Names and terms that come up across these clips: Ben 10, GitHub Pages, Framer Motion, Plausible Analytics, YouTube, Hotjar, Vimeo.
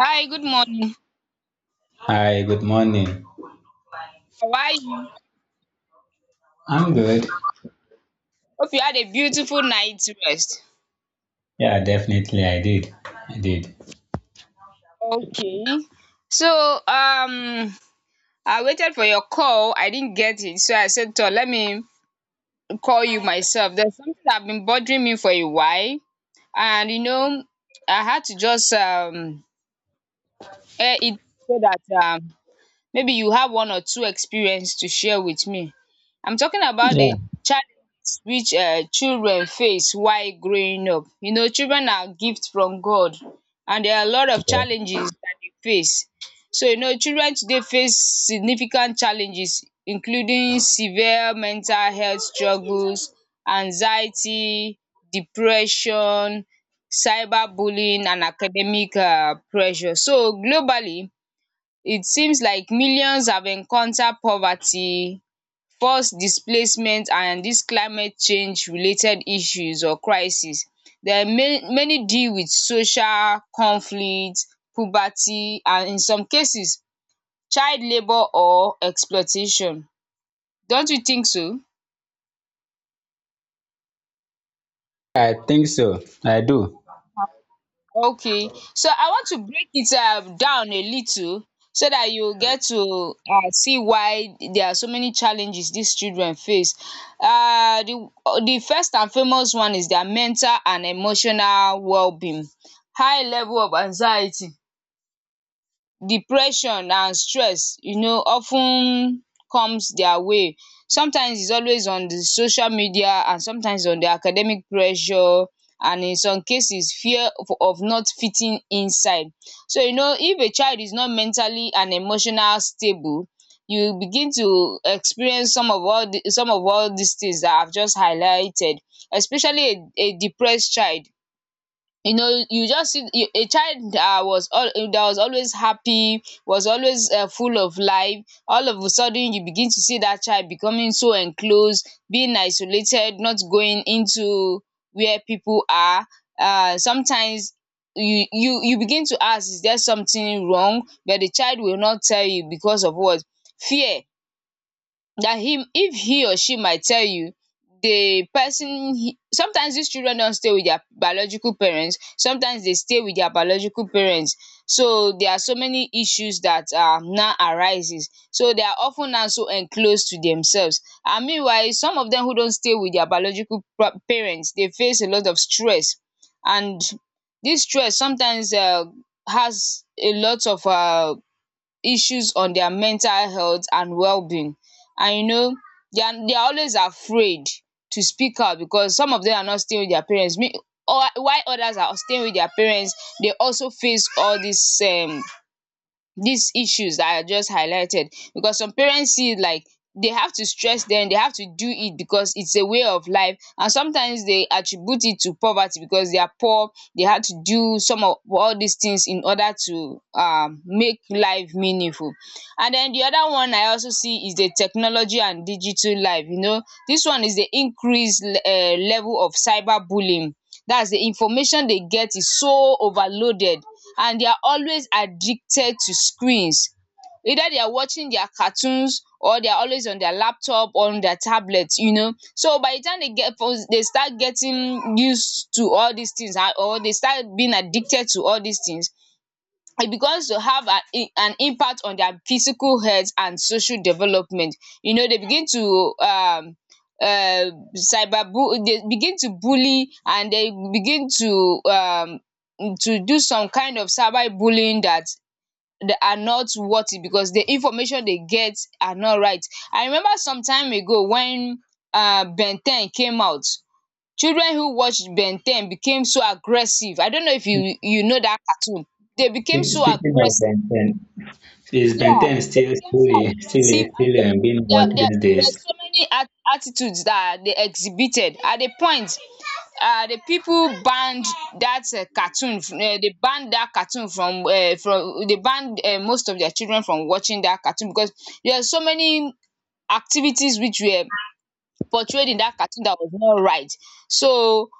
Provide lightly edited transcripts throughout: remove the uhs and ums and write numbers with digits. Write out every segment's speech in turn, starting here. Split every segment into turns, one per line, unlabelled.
Hi, good morning.
Hi, good morning.
How are you?
I'm good.
Hope you had a beautiful night's rest.
Yeah, definitely I did. I did.
Okay. So, I waited for your call. I didn't get it. So I said, "Toh, let me call you myself. There's something that have been bothering me for a while. And, you know, I had to just air it so that maybe you have one or two experience to share with me. I'm talking about the challenges which children face while growing up. You know children are gifts from God and there are a lot of challenges that they face. So you know children today face significant challenges including severe mental health struggles, anxiety, depression, cyberbullying, and academic pressure. So globally it seems like millions have encountered poverty, forced displacement and dis climate change related issues or crisis. There are many deal with social conflict, poverty and in some cases child labour or exploitation. Don't you think so?
I think so. I do.
Okay, so I want to break it down a little so that you get to see why there are so many challenges these children face. um the the first and foremost one is their mental and emotional well-being, high level of anxiety depression and stress, you know, of ten comes their way. Sometimes is always on the social media and sometimes on the academic pressure, and in some cases fear of not fitting inside. So you know if a child is not mentally and emotional stable, you begin to experience some of all the some of all these things that I've just highlighted, especially a depressed child. You know, you just see you, a child that was all that was always happy, was always full of life, all of a sudden you begin to see that child becoming so enclosed, being isolated, not going into where people are. Sometimes you begin to ask, is there something wrong? But the child will not tell you because of what? Fear. That him if he or she might tell you the person, he sometimes these children don't stay with their biological parents, sometimes they stay with their biological parents. So there are so many issues that now arises, so they are often now so enclosed to themselves, and meanwhile some of them who don't stay with their biological pa parents they face a lot of stress, and this stress sometimes has a lot of issues on their mental health and well-being. And you know they are always afraid to speak out because some of them are not staying with their parents. Me, or while others are staying with their parents, they also face all these issues that I just highlighted, because some parents see it like they have to stress them, they have to do it because it's a way of life, and sometimes they attribute it to poverty. Because they are poor, they had to do some of all these things in order to make life meaningful. And then the other one I also see is the technology and digital life, you know. This one is the increase level of cyber bullying. That's the information they get is so overloaded, and they are always addicted to screens. Either they are watching their cartoons or they are always on their laptop or on their tablet, you know. So by the time they get, they start getting used to all these things, or they start being addicted to all these things, it begins to have an impact on their physical health and social development. You know they begin to cyber bu they begin to bully, and they begin to do some kind of cyber bullying that they are not worth it, because the information they get are not right. I remember some time ago when ben ten came out. Children who watched Ben 10 became so aggressive. I don't know if you know that cartoon. They became so
Speaking of
aggressive.
Ben 10, is Ben
Yeah,
10
they
still
became so
still still
aggressive
still
and they
um, being
there
watched
there
these
there were
days?
so many at attitudes that they exhibited. At a point, the people banned that cartoon, they banned that cartoon from they banned most of their children from watching that cartoon because there are so many activities which were portrayed in that cartoon that was not right. So.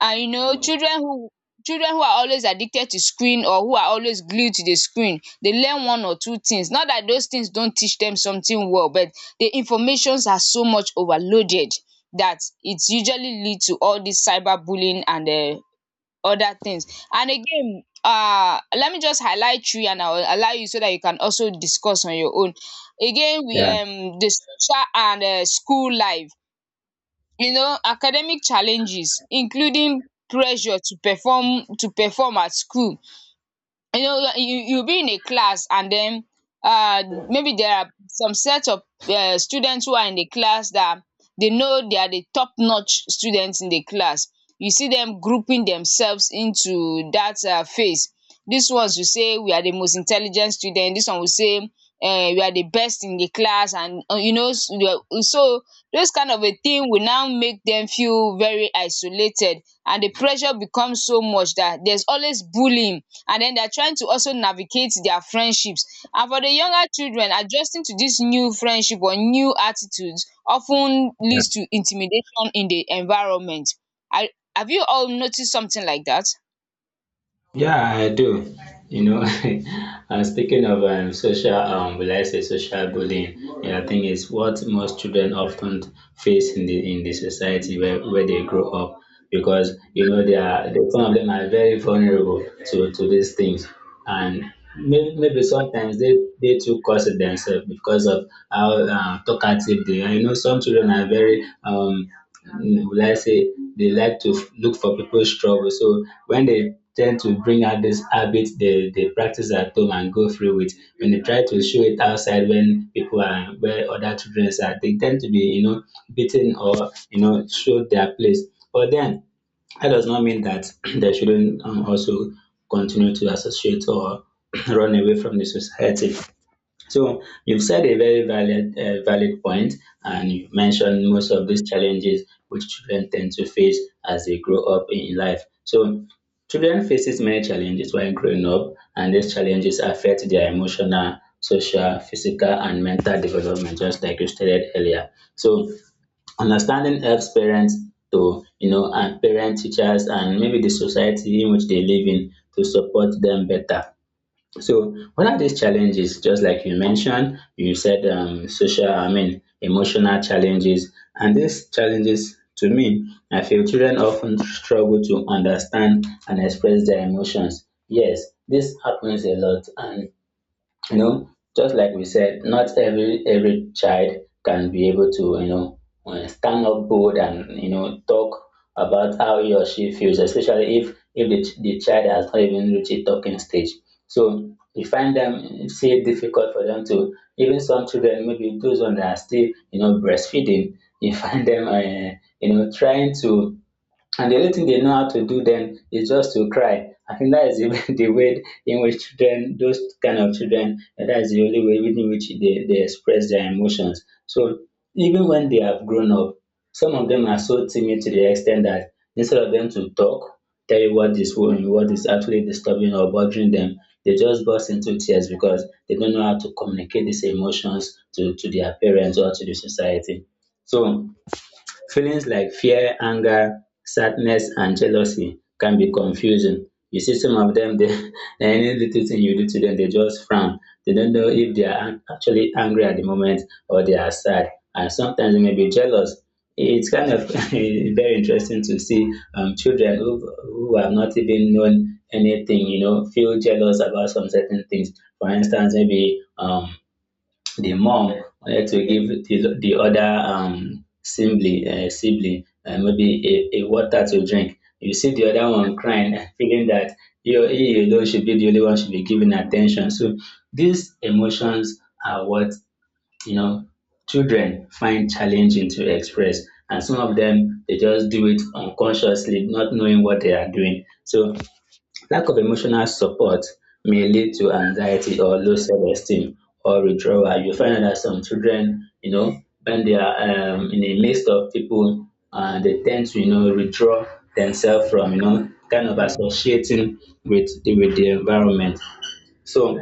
And you know children who are always addicted to screen, or who are always glued to the screen, dey learn one or two things. Not that those things don't teach them something well, but the informations are so much overloaded that it usually lead to all these cyber bullying and other things. And again let me just highlight three and I will allow you so that you can also discuss on your own. Again we
Yeah.
the social and school life. You know academic challenges including pressure to perform at school. You know you'll be in a class and then uh maybe there are some set of students who are in the class that they know they are the top notch students in the class. You see them grouping themselves into that phase. These ones will say we are the most intelligent student, this one will say we are the best in the class. And you know so those kind of a thing will now make them feel very isolated, and the pressure becomes so much that there's always bullying. And then they are trying to also navigate their friendships. And for the younger children, adjusting to this new friendship or new attitudes often
Yeah.
leads to intimidation in the environment. I, have you all noticed something like that?
Yeah, I do. You know, speaking of social, will I say social bullying? Yeah, I think it's what most children often face in the society where they grow up, because you know some of them are very vulnerable to these things, and maybe sometimes they too curse themselves because of how talkative they are. You know, some children are very, will I say, they like to look for people's trouble. So when they tend to bring out this habit they practice at home and go through with, when they try to show it outside when people are, where other children are, they tend to be, you know, beaten or, you know, show their place. But then, that does not mean that they shouldn't also continue to associate or run away from the society. So you've said a very valid, valid point, and you mentioned most of these challenges which children tend to face as they grow up in life. So children faces many challenges while growing up, and these challenges affect their emotional, social, physical, and mental development, just like you stated earlier. So understanding helps parents to, you know, and parent, teachers, and maybe the society in which they live in to support them better. So, what are these challenges? Just like you mentioned, you said social, I mean, emotional challenges. And these challenges, to me, I feel children often struggle to understand and express their emotions. Yes, this happens a lot. And you know, just like we said, not every child can be able to, you know, stand up bold and you know talk about how he or she feels, especially if if the child has not even reached a talking stage. So you find them it's it difficult for them to even some children, maybe those ones that are still you know breastfeeding, you find them you know trying to, and the only thing they know how to do then is just to cry. I think that is the, the way in which children, those kind of children, that is the only way in which they express their emotions. So even when they have grown up, some of them are so timid to the extent that instead of them to talk, tell you what is wrong, what is actually disturbing or bothering them, they just burst into tears because they don't know how to communicate these emotions to their parents or to the society. So feelings like fear, anger, sadness, and jealousy can be confusing. You see, some of them, any little thing you do to them, they just frown. They don't know if they are actually angry at the moment or they are sad. And sometimes they may be jealous. It's kind of very interesting to see children who have not even known anything, you know, feel jealous about some certain things. For instance, maybe the mom wanted to give the other sibling maybe a water to drink. You see the other one crying, feeling that you, he alone should be the only one should be given attention. So these emotions are what you know children find challenging to express, and some of them they just do it unconsciously, not knowing what they are doing. So lack of emotional support may lead to anxiety or low self-esteem or withdrawal. You find out that some children, you know, when they are in the midst of people, they tend to, you know, withdraw themselves from, you know, kind of associating with with the environment. So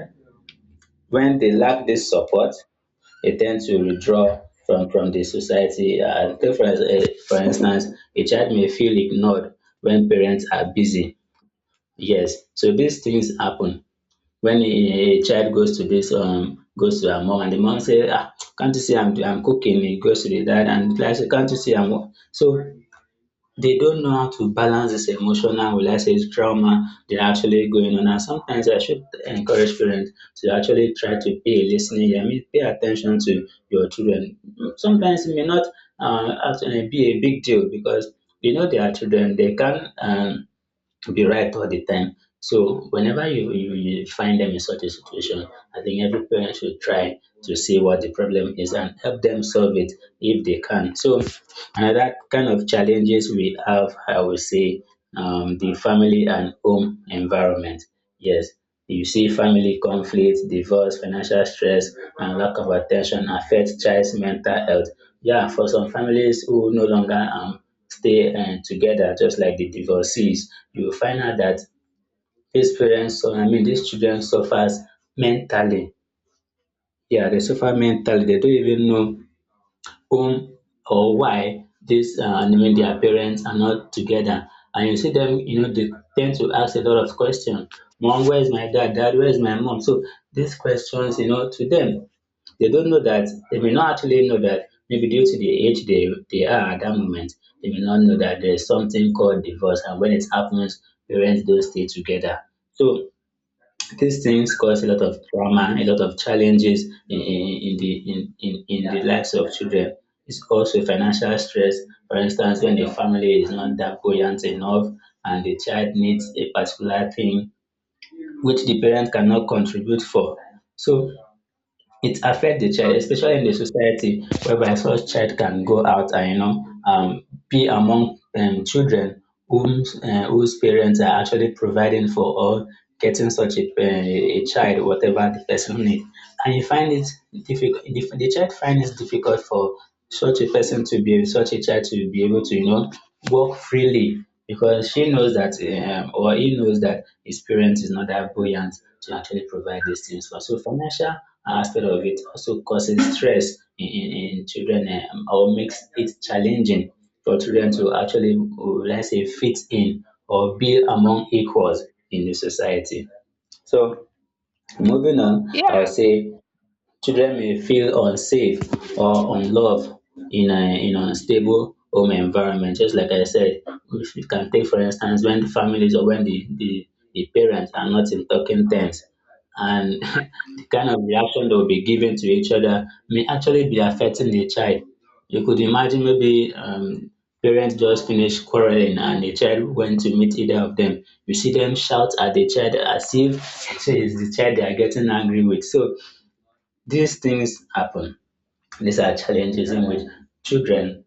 when they lack this support, they tend to withdraw from the society. Take for instance, a child may feel ignored when parents are busy. Yes, so these things happen when a child goes to this goes to her mom and the mom say, "Ah, can't you see I'm cooking?" He goes to the dad and the dad say, "Can't you see I'm So they don't know how to balance this emotional, will I say, trauma they're actually going on. And sometimes I should encourage parents to actually try to be a listening ear. I mean, pay attention to your children. Sometimes it may not actually be a big deal because you know they are children. They can to be right all the time. So whenever you you find them in such a situation, I think every parent should try to see what the problem is and help them solve it if they can. So another kind of challenges we have, I would say, the family and home environment. Yes, you see family conflict, divorce, financial stress, and lack of attention affect child's mental health. Yeah, for some families who no longer stay together just like the divorcees, you will find out that these parents, so I mean, these children suffers mentally. Yeah, they suffer mentally. They don't even know whom or why this, I mean, their parents are not together. And you see them, you know, they tend to ask a lot of questions. "Mom, where is my dad? Dad, where is my mom?" So these questions, you know, to them they don't know that, they may not actually know that, maybe due to the age they are at that moment, they may not know that there's something called divorce. And when it happens, parents don't stay together. So these things cause a lot of trauma, a lot of challenges in the lives of children. It's also financial stress. For instance, when the family is not that buoyant enough and the child needs a particular thing which the parent cannot contribute for. So it affects the child, especially in the society whereby such child can go out and you know be among children whom whose parents are actually providing for or getting such a, child whatever the person need, and you find it difficult, the child finds it difficult for such a person to be such a child to be able to you know walk freely because she knows that or he knows that his parents is not that buoyant to actually provide these things for. So financial aspect of it also causes stress in children, or makes it challenging for children to actually, let's say, fit in or be among equals in the society. So moving on, I
Yeah,
would say children may feel unsafe or unloved in a in an unstable home environment. Just like I said, if you can take for instance when the families or when the parents are not in talking terms, and the kind of reaction they will be giving to each other may actually be affecting the child. You could imagine maybe parents just finished quarreling and the child went to meet either of them. You see them shout at the child as if it is the child they are getting angry with. So these things happen. These are challenges in which children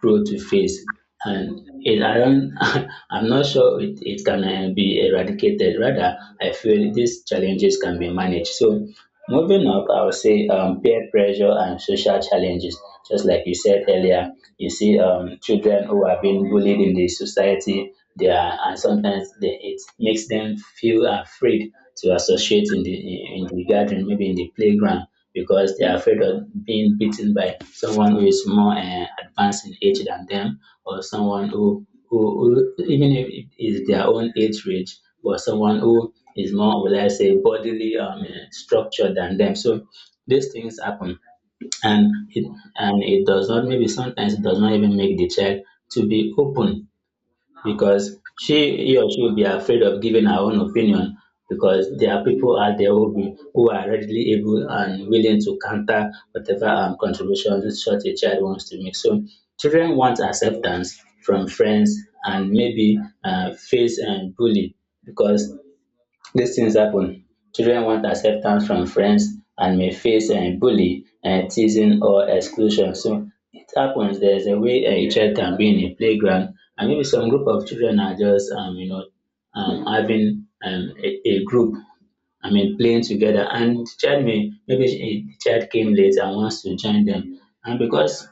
grow to face, and it, I don't, I'm not sure it can be eradicated. Rather, I feel these challenges can be managed. So, moving up, I would say peer pressure and social challenges. Just like you said earlier, you see children who are being bullied in the society, they are, and sometimes they, it makes them feel afraid to associate in the garden, maybe in the playground because they are afraid of being beaten by someone who is more advanced in age than them, or someone who even if it is their own age range, but someone who is more, will I say, bodily structured than them. So these things happen, and it, and it does not, maybe sometimes it does not even make the child to be open because she he or she will be afraid of giving her own opinion because there are people out there who are readily able and willing to counter whatever contribution such a child wants to make. So children want acceptance from friends and maybe face and bully because these things happen, children want acceptance from friends and may face bully, teasing or exclusion. So it happens, there is a way a child can be in a playground and maybe some group of children are just having a group, I mean playing together, and the child may maybe the child came late and wants to join them. And because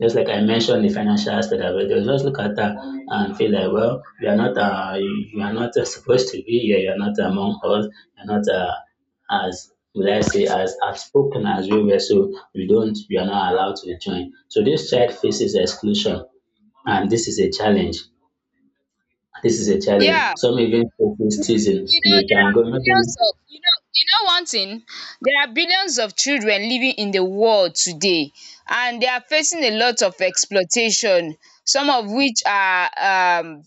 just like I mentioned the financial aspect of it, they'll just look at that and feel like, well, you are not, you are not supposed to be here. You are not among us. You are not as let I say as outspoken as we were. So you don't, you are not allowed to join. So this child faces exclusion, and this is a challenge. This is a
yeah.
challenge. Some even
You
face
know,
teasing.
you know,
You
there
can
are
go maybe,
billions of, you know, you know one thing. There are billions of children living in the world today, and they are facing a lot of exploitation. Some of which are um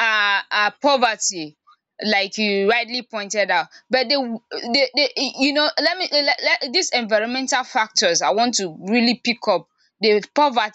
are poverty like you rightly pointed out, but they you know let me let these environmental factors I want to really pick up the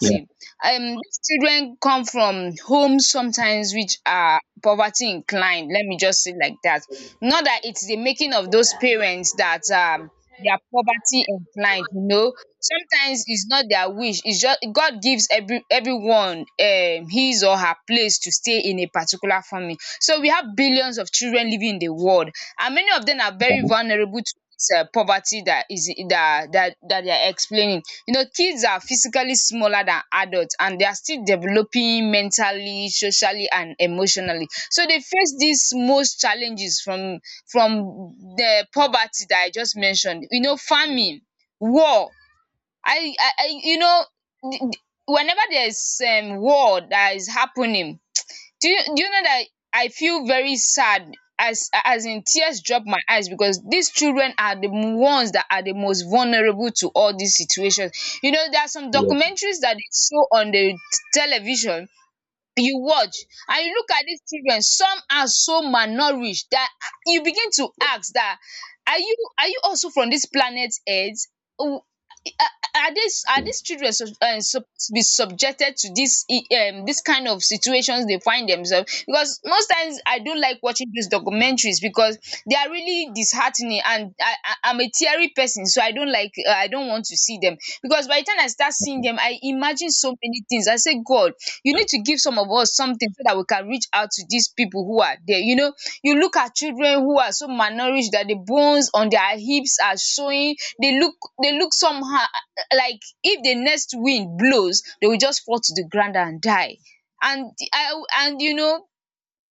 yeah,
These children come from homes sometimes which are poverty inclined, let me just say it like that. Not that it's the making of those parents that they are poverty inclined. You know sometimes it's not their wish, it's just god gives everyone his or her place to stay in a particular family. So we have billions of children living in the world, and many of them are very vulnerable to it's poverty that is that they are explaining. You know, kids are physically smaller than adults and they are still developing mentally, socially, and emotionally. So they face these most challenges from the poverty that I just mentioned. You know, famine, war. I you know. th- th- Whenever there's war that is happening, do you know that I feel very sad, as in tears drop my eyes, because these children are the ones that are the most vulnerable to all these situations. You know, there are some
yeah.
documentaries that they show on the television. You watch and you look at these children, some are so malnourished that you begin to ask, "That are you also from this planet earth? um are are these children suppose be subjected to dis kind of situations?" They find themselves because most times I don't like watching these documentaries because they are really disheartening, and I'm a teary person, so I don't like I don't want to see them, because by the time I start seeing them, I imagine so many things. I say God, you need to give some of us something so that we can reach out to these people who are there. You know, you look at children who are so malnourished that the bones on their hips are showing. They look somehow, like if the next wind blows, they will just fall to the ground and die. And I, and you know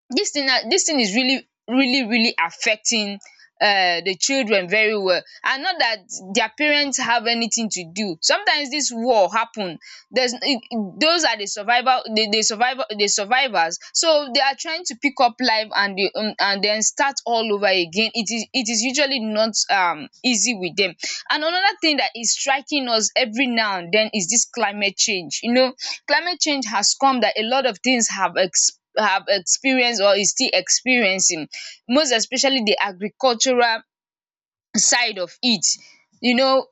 this thing now, dis thing is really affecting the children very well. And not that their parents have anything to do. Sometimes this war happen, there's those are the survival, the survival, the survivors, so they are trying to pick up life and the and then start all over again. It is usually not easy with them. And another thing that is striking us every now and then is this climate change. You know, climate change has come that a lot of things have have experienced or is still experiencing, most especially the agricultural side of it, you know.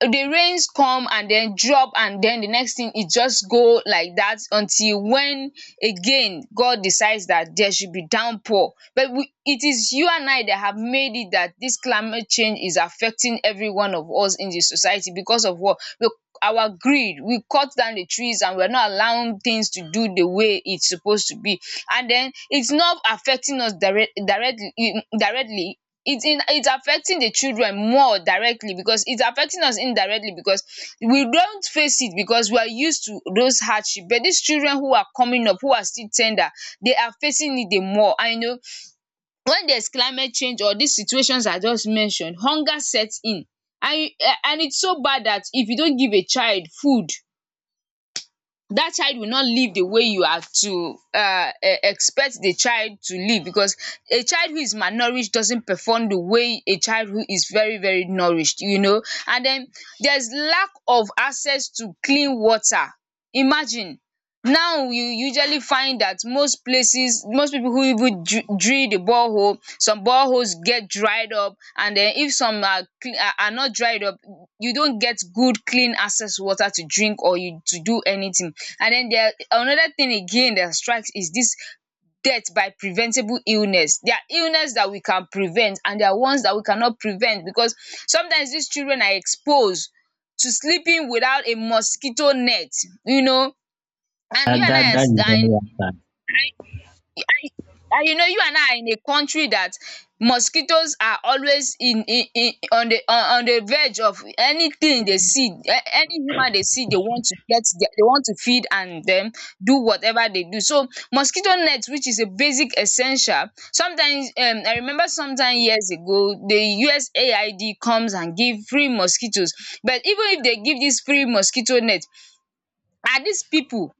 The rains come and den drop and den the next thing e just go like that until when again God decides that there should be downpour, but we, it is you and I that have made it that this climate change is affecting every one of us in the society because of what. Look, our greed, we cut down the trees and we are not allowing things to do the way it's supposed to be. And den it's not affecting us directly. It's affecting the children more directly because it's affecting us indirectly, because we don't face it because we are used to those hardship. But these children who are coming up, who are still tender, they are facing it the more. And you know, when there's climate change or these situations I just mentioned, hunger sets in. And and it's so bad that if you don't give a child food, that child will not live the way you have to expect the child to live, because a child who is malnourished doesn't perform the way a child who is very very nourished, you know. And then there's lack of access to clean water. Imagine, now you usually find that most places, most people who even drill the borehole, some boreholes get dried up. And then if some are are not dried up, you don't get good clean access water to drink or you to do anything. And then there another thing again that strikes is this death by preventable illness. There are illness that we can prevent and there are ones that we cannot prevent, because sometimes these children are exposed to sleeping without a mosquito net, you know. And you
That
and
that
I
that
as
is
are
very
in,
important.
and you know, you and I are in a country that mosquitoes are always in on the verge of anything they see. Any human they see, they want to get they want to feed and then do whatever they do. So mosquito net, which is a basic essential, sometimes, I remember sometime years ago the USAID comes and give free mosquitoes. But even if they give this free mosquito net, are these people,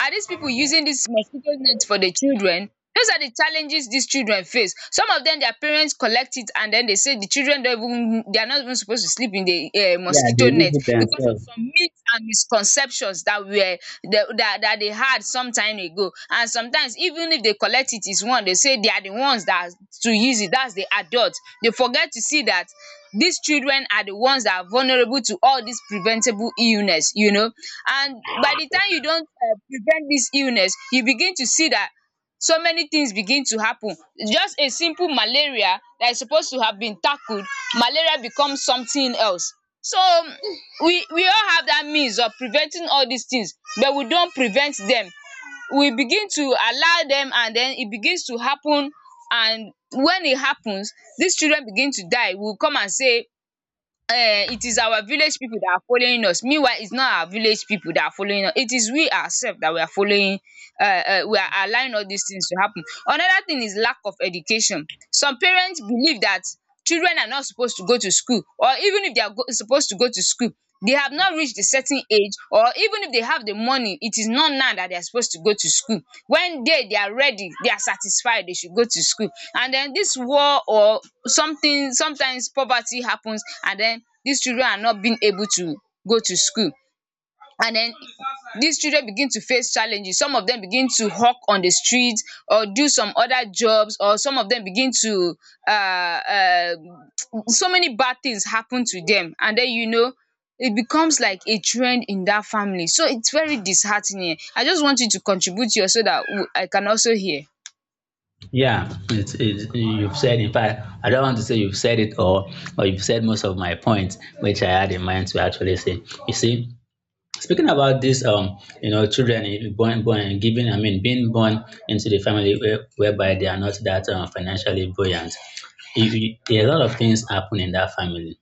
are these people using this mosquito net for the children? Those are the challenges these children face. Some of them, their parents collect it and then they say the children don't even, they are not even supposed to sleep in the
Yeah, they
mosquito
use
net
it
because of
themselves.
some myths and misconceptions that were that they had some time ago. And sometimes, even if they collect it, is one, they say they are the ones that to use it. That's the adults. They forget to see that these children are the ones that are vulnerable to all these preventable illness, you know. And by the time you don prevent dis illness, you begin to see dat so many things begin to happen. Just a simple malaria dat is supposed to have been tackled, malaria become something else. So, we all have dat means of preventing all dis things, but we don't prevent dem. We begin to allow dem and den e begins to happen. And when e happens, dis children begin to die. We will come and say, it is our village people that are following us. Meanwhile, it's not our village people that are following us, it is we ourselves that we are following. We are allowing all these things to happen. Another thing is lack of education. Some parents believe that children are not supposed to go to school, or even if they are supposed to go to school, they have not reached a certain age, or even if they have the money, it is not now that they are supposed to go to school. When they are ready, they are satisfied, they should go to school. And then this war, or something, sometimes poverty happens, and then these children are not being able to go to school. And then these children begin to face challenges. Some of them begin to hawk on the street or do some other jobs, or some of them begin to uh, uh so many bad things happen to them. And then you know, it becomes like a trend in that family. So it's very disheartening. I just want you to contribute here so that I can also hear.
Yeah, you've said, in fact, I don't want to say you've said it all, but you've said most of my points, which I had in mind to actually say. You see, speaking about this, you know, children giving, I mean, being born into the family where, whereby they are not that financially buoyant. If you, a lot of things happen in that family.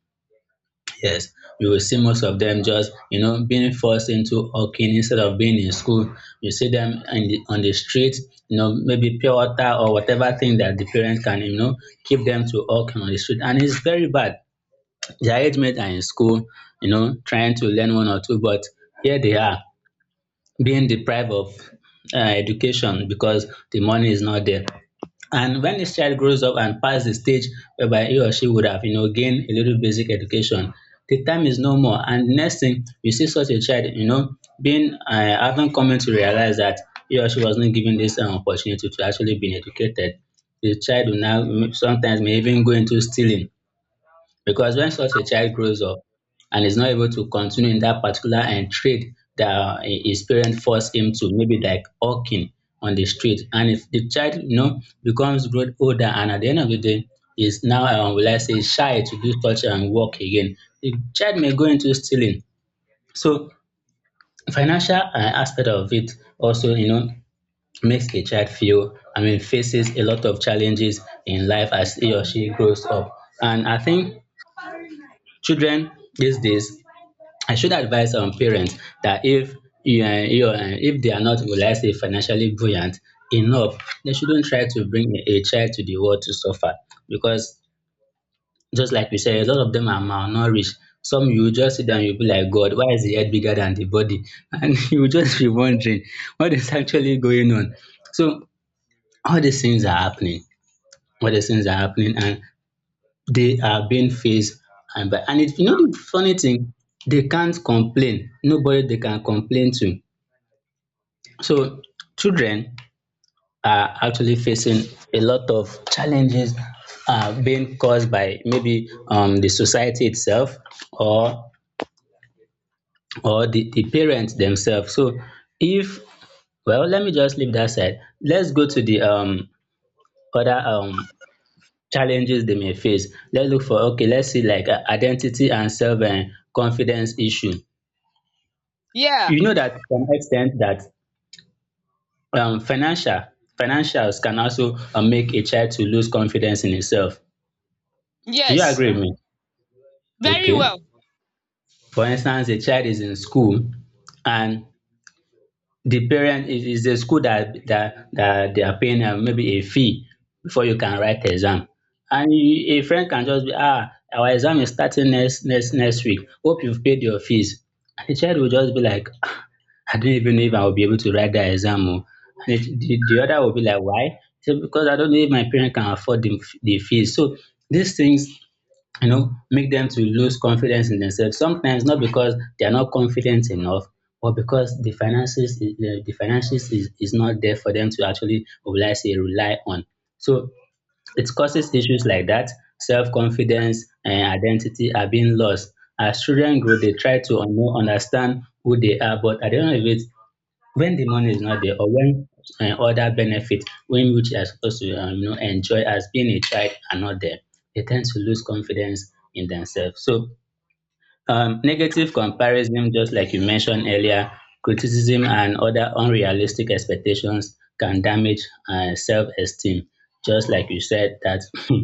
Yes, you will see most of them just, you know, being forced into hawking instead of being in school. You see them in the, on the street, you know, maybe pure water or whatever thing that the parents can, you know, keep them to hawking on the street. And it's very bad. Their age mates are in school, you know, trying to learn one or two, but here they are being deprived of education because the money is not there. And when this child grows up and past the stage whereby he or she would have, you know, gained a little basic education, the time is no more. And the next thing you see such a child, you know, being having coming to realize that he or she was not given this opportunity to actually be educated. The child will now sometimes may even go into stealing because when such a child grows up and is not able to continue in that particular and trade that his parents force him to, maybe like hawking on the street, and if the child you know becomes grown older and at the end of the day is now will I say shy to do such and work again, the child may go into stealing. So financial aspect of it also you know makes a child feel, I mean faces a lot of challenges in life as he or she grows up. And I think children these days, I should advise parents that if you you if they are not, will I say, financially buoyant enough, they shouldn't try to bring a child to the world to suffer because just like you said, a lot of them are malnourished. Some you will just see them, you'll be like, God, why is the head bigger than the body? And you will just be wondering what is actually going on. So all these things are happening. All these things are happening and they are being faced and by and it you know the funny thing they can't complain, nobody they can complain to. So children are actually facing a lot of challenges being caused by maybe the society itself or or the parents themselves. So if, well, let me just leave that side, let's go to the other challenges they may face. Let's look for, okay, let's see like identity and self and confidence issue.
Yeah.
You know that to some extent that um, financial financials can also make a child to lose confidence in himself. Do you
Yes.
agree with me?
Very
Okay.
well.
For instance, a child is in school and the parent is the school that they are paying maybe a fee before you can write the exam. And you, a friend can just be, ah, our exam is starting next week. Hope you've paid your fees. And the child will just be like, I don't even know if I will be able to write that exam. Or and the other will be like, why? So because I don't know if my parent can afford the fees. So these things, you know, make them to lose confidence in themselves. Sometimes not because they are not confident enough, but because the finances is not there for them to actually, will I say, rely on. So it causes issues like that. Self-confidence and identity are being lost. As children grow, they try to understand who they are, but at the end of it, when the money is not there or when other benefits when which they are supposed to you know, enjoy as being a child are not there, they tend to lose confidence in themselves. So negative comparison, just like you mentioned earlier, criticism and other unrealistic expectations can damage self-esteem. Just like you said that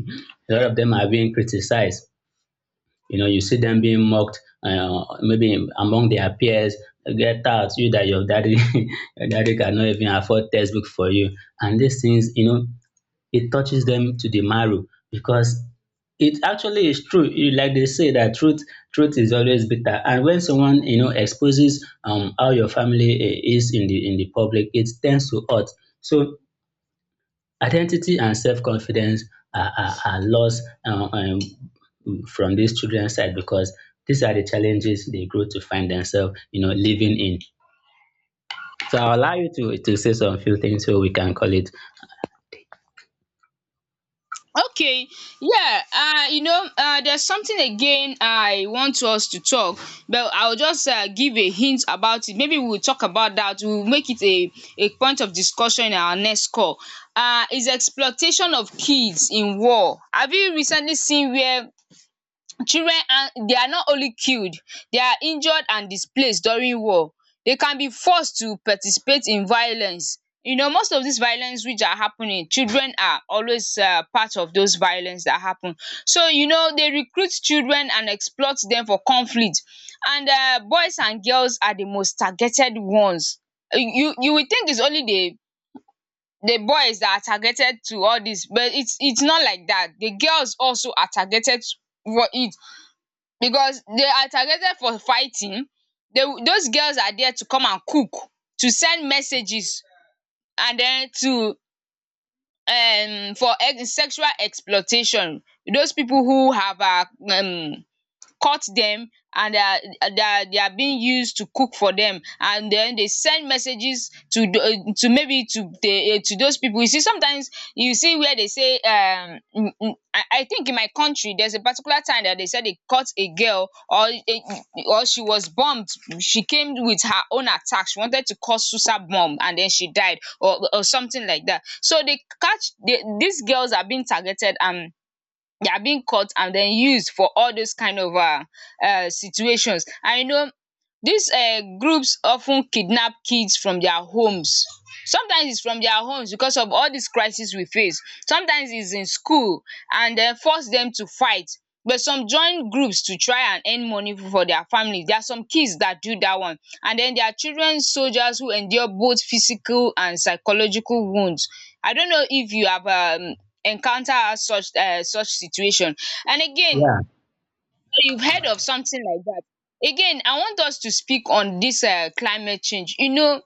a lot of them are being criticized, you know, you see them being mocked, maybe among their peers. Get out, you that your daddy, your daddy cannot even afford textbook for you. And these things, you know, it touches them to the marrow because it actually is true. You, like they say that truth, truth is always bitter. And when someone, you know, exposes how your family, eh, is in the public, it tends to hurt. So identity and self-confidence are lost from these children's side because these are the challenges they grow to find themselves, you know, living in. So I'll allow you to say some few things so we can call it.
Okay, yeah, you know, there's something again I want us to talk, but I'll just give a hint about it. Maybe we'll talk about that. We'll make it a point of discussion in our next call. Is exploitation of kids in war. Have you recently seen where children, and they are not only killed, they are injured and displaced during war. They can be forced to participate in violence. You know, most of these violence which are happening, children are always part of those violence that happen. So you know, they recruit children and exploit them for conflict. And boys and girls are the most targeted ones. You will think it's only the boys that are targeted to all this, but its not like that. The girls also are targeted for it, because they are targeted for fighting. They, those girls are there to come and cook, to send messages, and then to sexual exploitation. Those people who have um caught them, and they are they are being used to cook for them, and then they send messages to the, to maybe to the to those people. You see sometimes, you see where they say, I think in my country there's a particular time that they said they caught a girl, or a, or she was bombed. She came with her own attack, she wanted to cause suicide bomb, and then she died or something like that. So they catch the, these girls are being targeted and they are being cut and then used for all those kind of situations. And you know, these groups of ten kidnap kids from their homes. Sometimes it's from their homes because of all these crisis we face, sometimes it's in school, and then force them to fight. But some join groups to try and earn money for their family, there are some kids that do that one. And then there are children soldiers who endure both physical and psychological wounds. I don't know if you have encounter as such such situation. And again,
Yeah,
you've heard of something like that. Again, I want us to speak on this climate change. You know,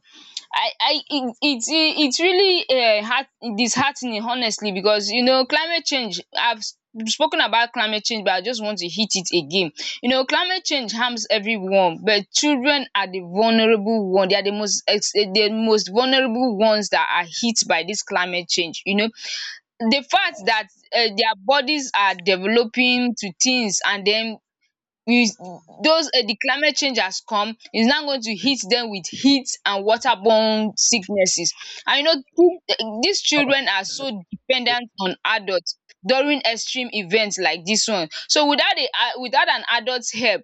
I it's really heart disheartening honestly, because you know, climate change I've spoken about climate change, but I just want to hit it again. You know, climate change harms everyone but children are the vulnerable one. They are the most the most vulnerable ones that are hit by this climate change. You know, the fact that their bodies are developing to things, and then with those, the climate change has come is now going to hit them with heat and waterborne sicknesses. And you know, these children are so dependent on adult during extreme event like this one. So without a without an adult help,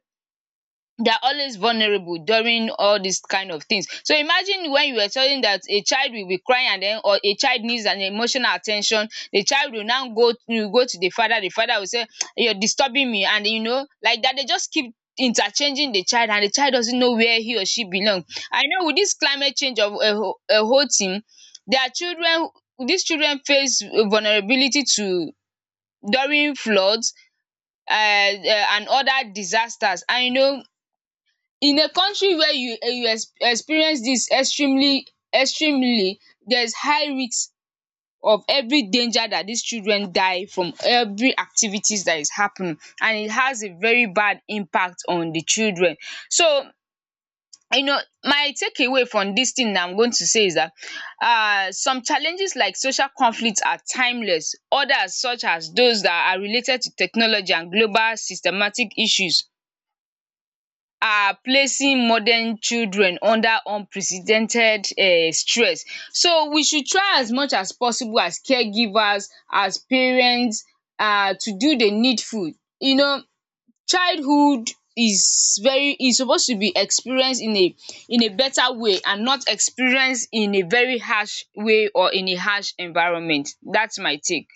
they are always vulnerable during all these kind of things. So imagine, when you were telling that a child will be crying, and then, or a child needs an emotional attention, the child will now go to the father, the father will say, you're disturbing me. And you know, like that they just keep interchanging the child, and the child doesn't know where he or she belong. I know with this climate change of a whole thing, their children these children face vulnerability to, during floods and other disasters. And you know, in a country where you you ex experience dis extremely, there is high risk of every danger that dis children die from, every activities that is happening, and it has a very bad impact on the children. So you know, my takeaway from dis thing I'm going to say is that, some challenges like social conflict are timeless, others such as those that are related to technology and global systematic issues are placing modern children under unprecedented stress. So we should try as much as possible as caregivers, as parents, to do the needful. You know, childhood is supposed to be experienced in a, in a better way, and not experienced in a very harsh way or in a harsh environment. That's my take.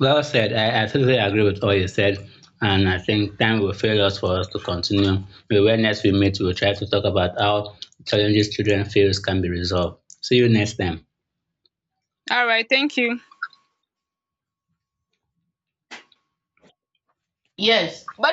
well said. I totally agree with all you said. And I think time will fail us for us to continue. Maybe when next we meet, we'll try to talk about how challenges children face can be resolved. See you next time.
Alright, thank you. By.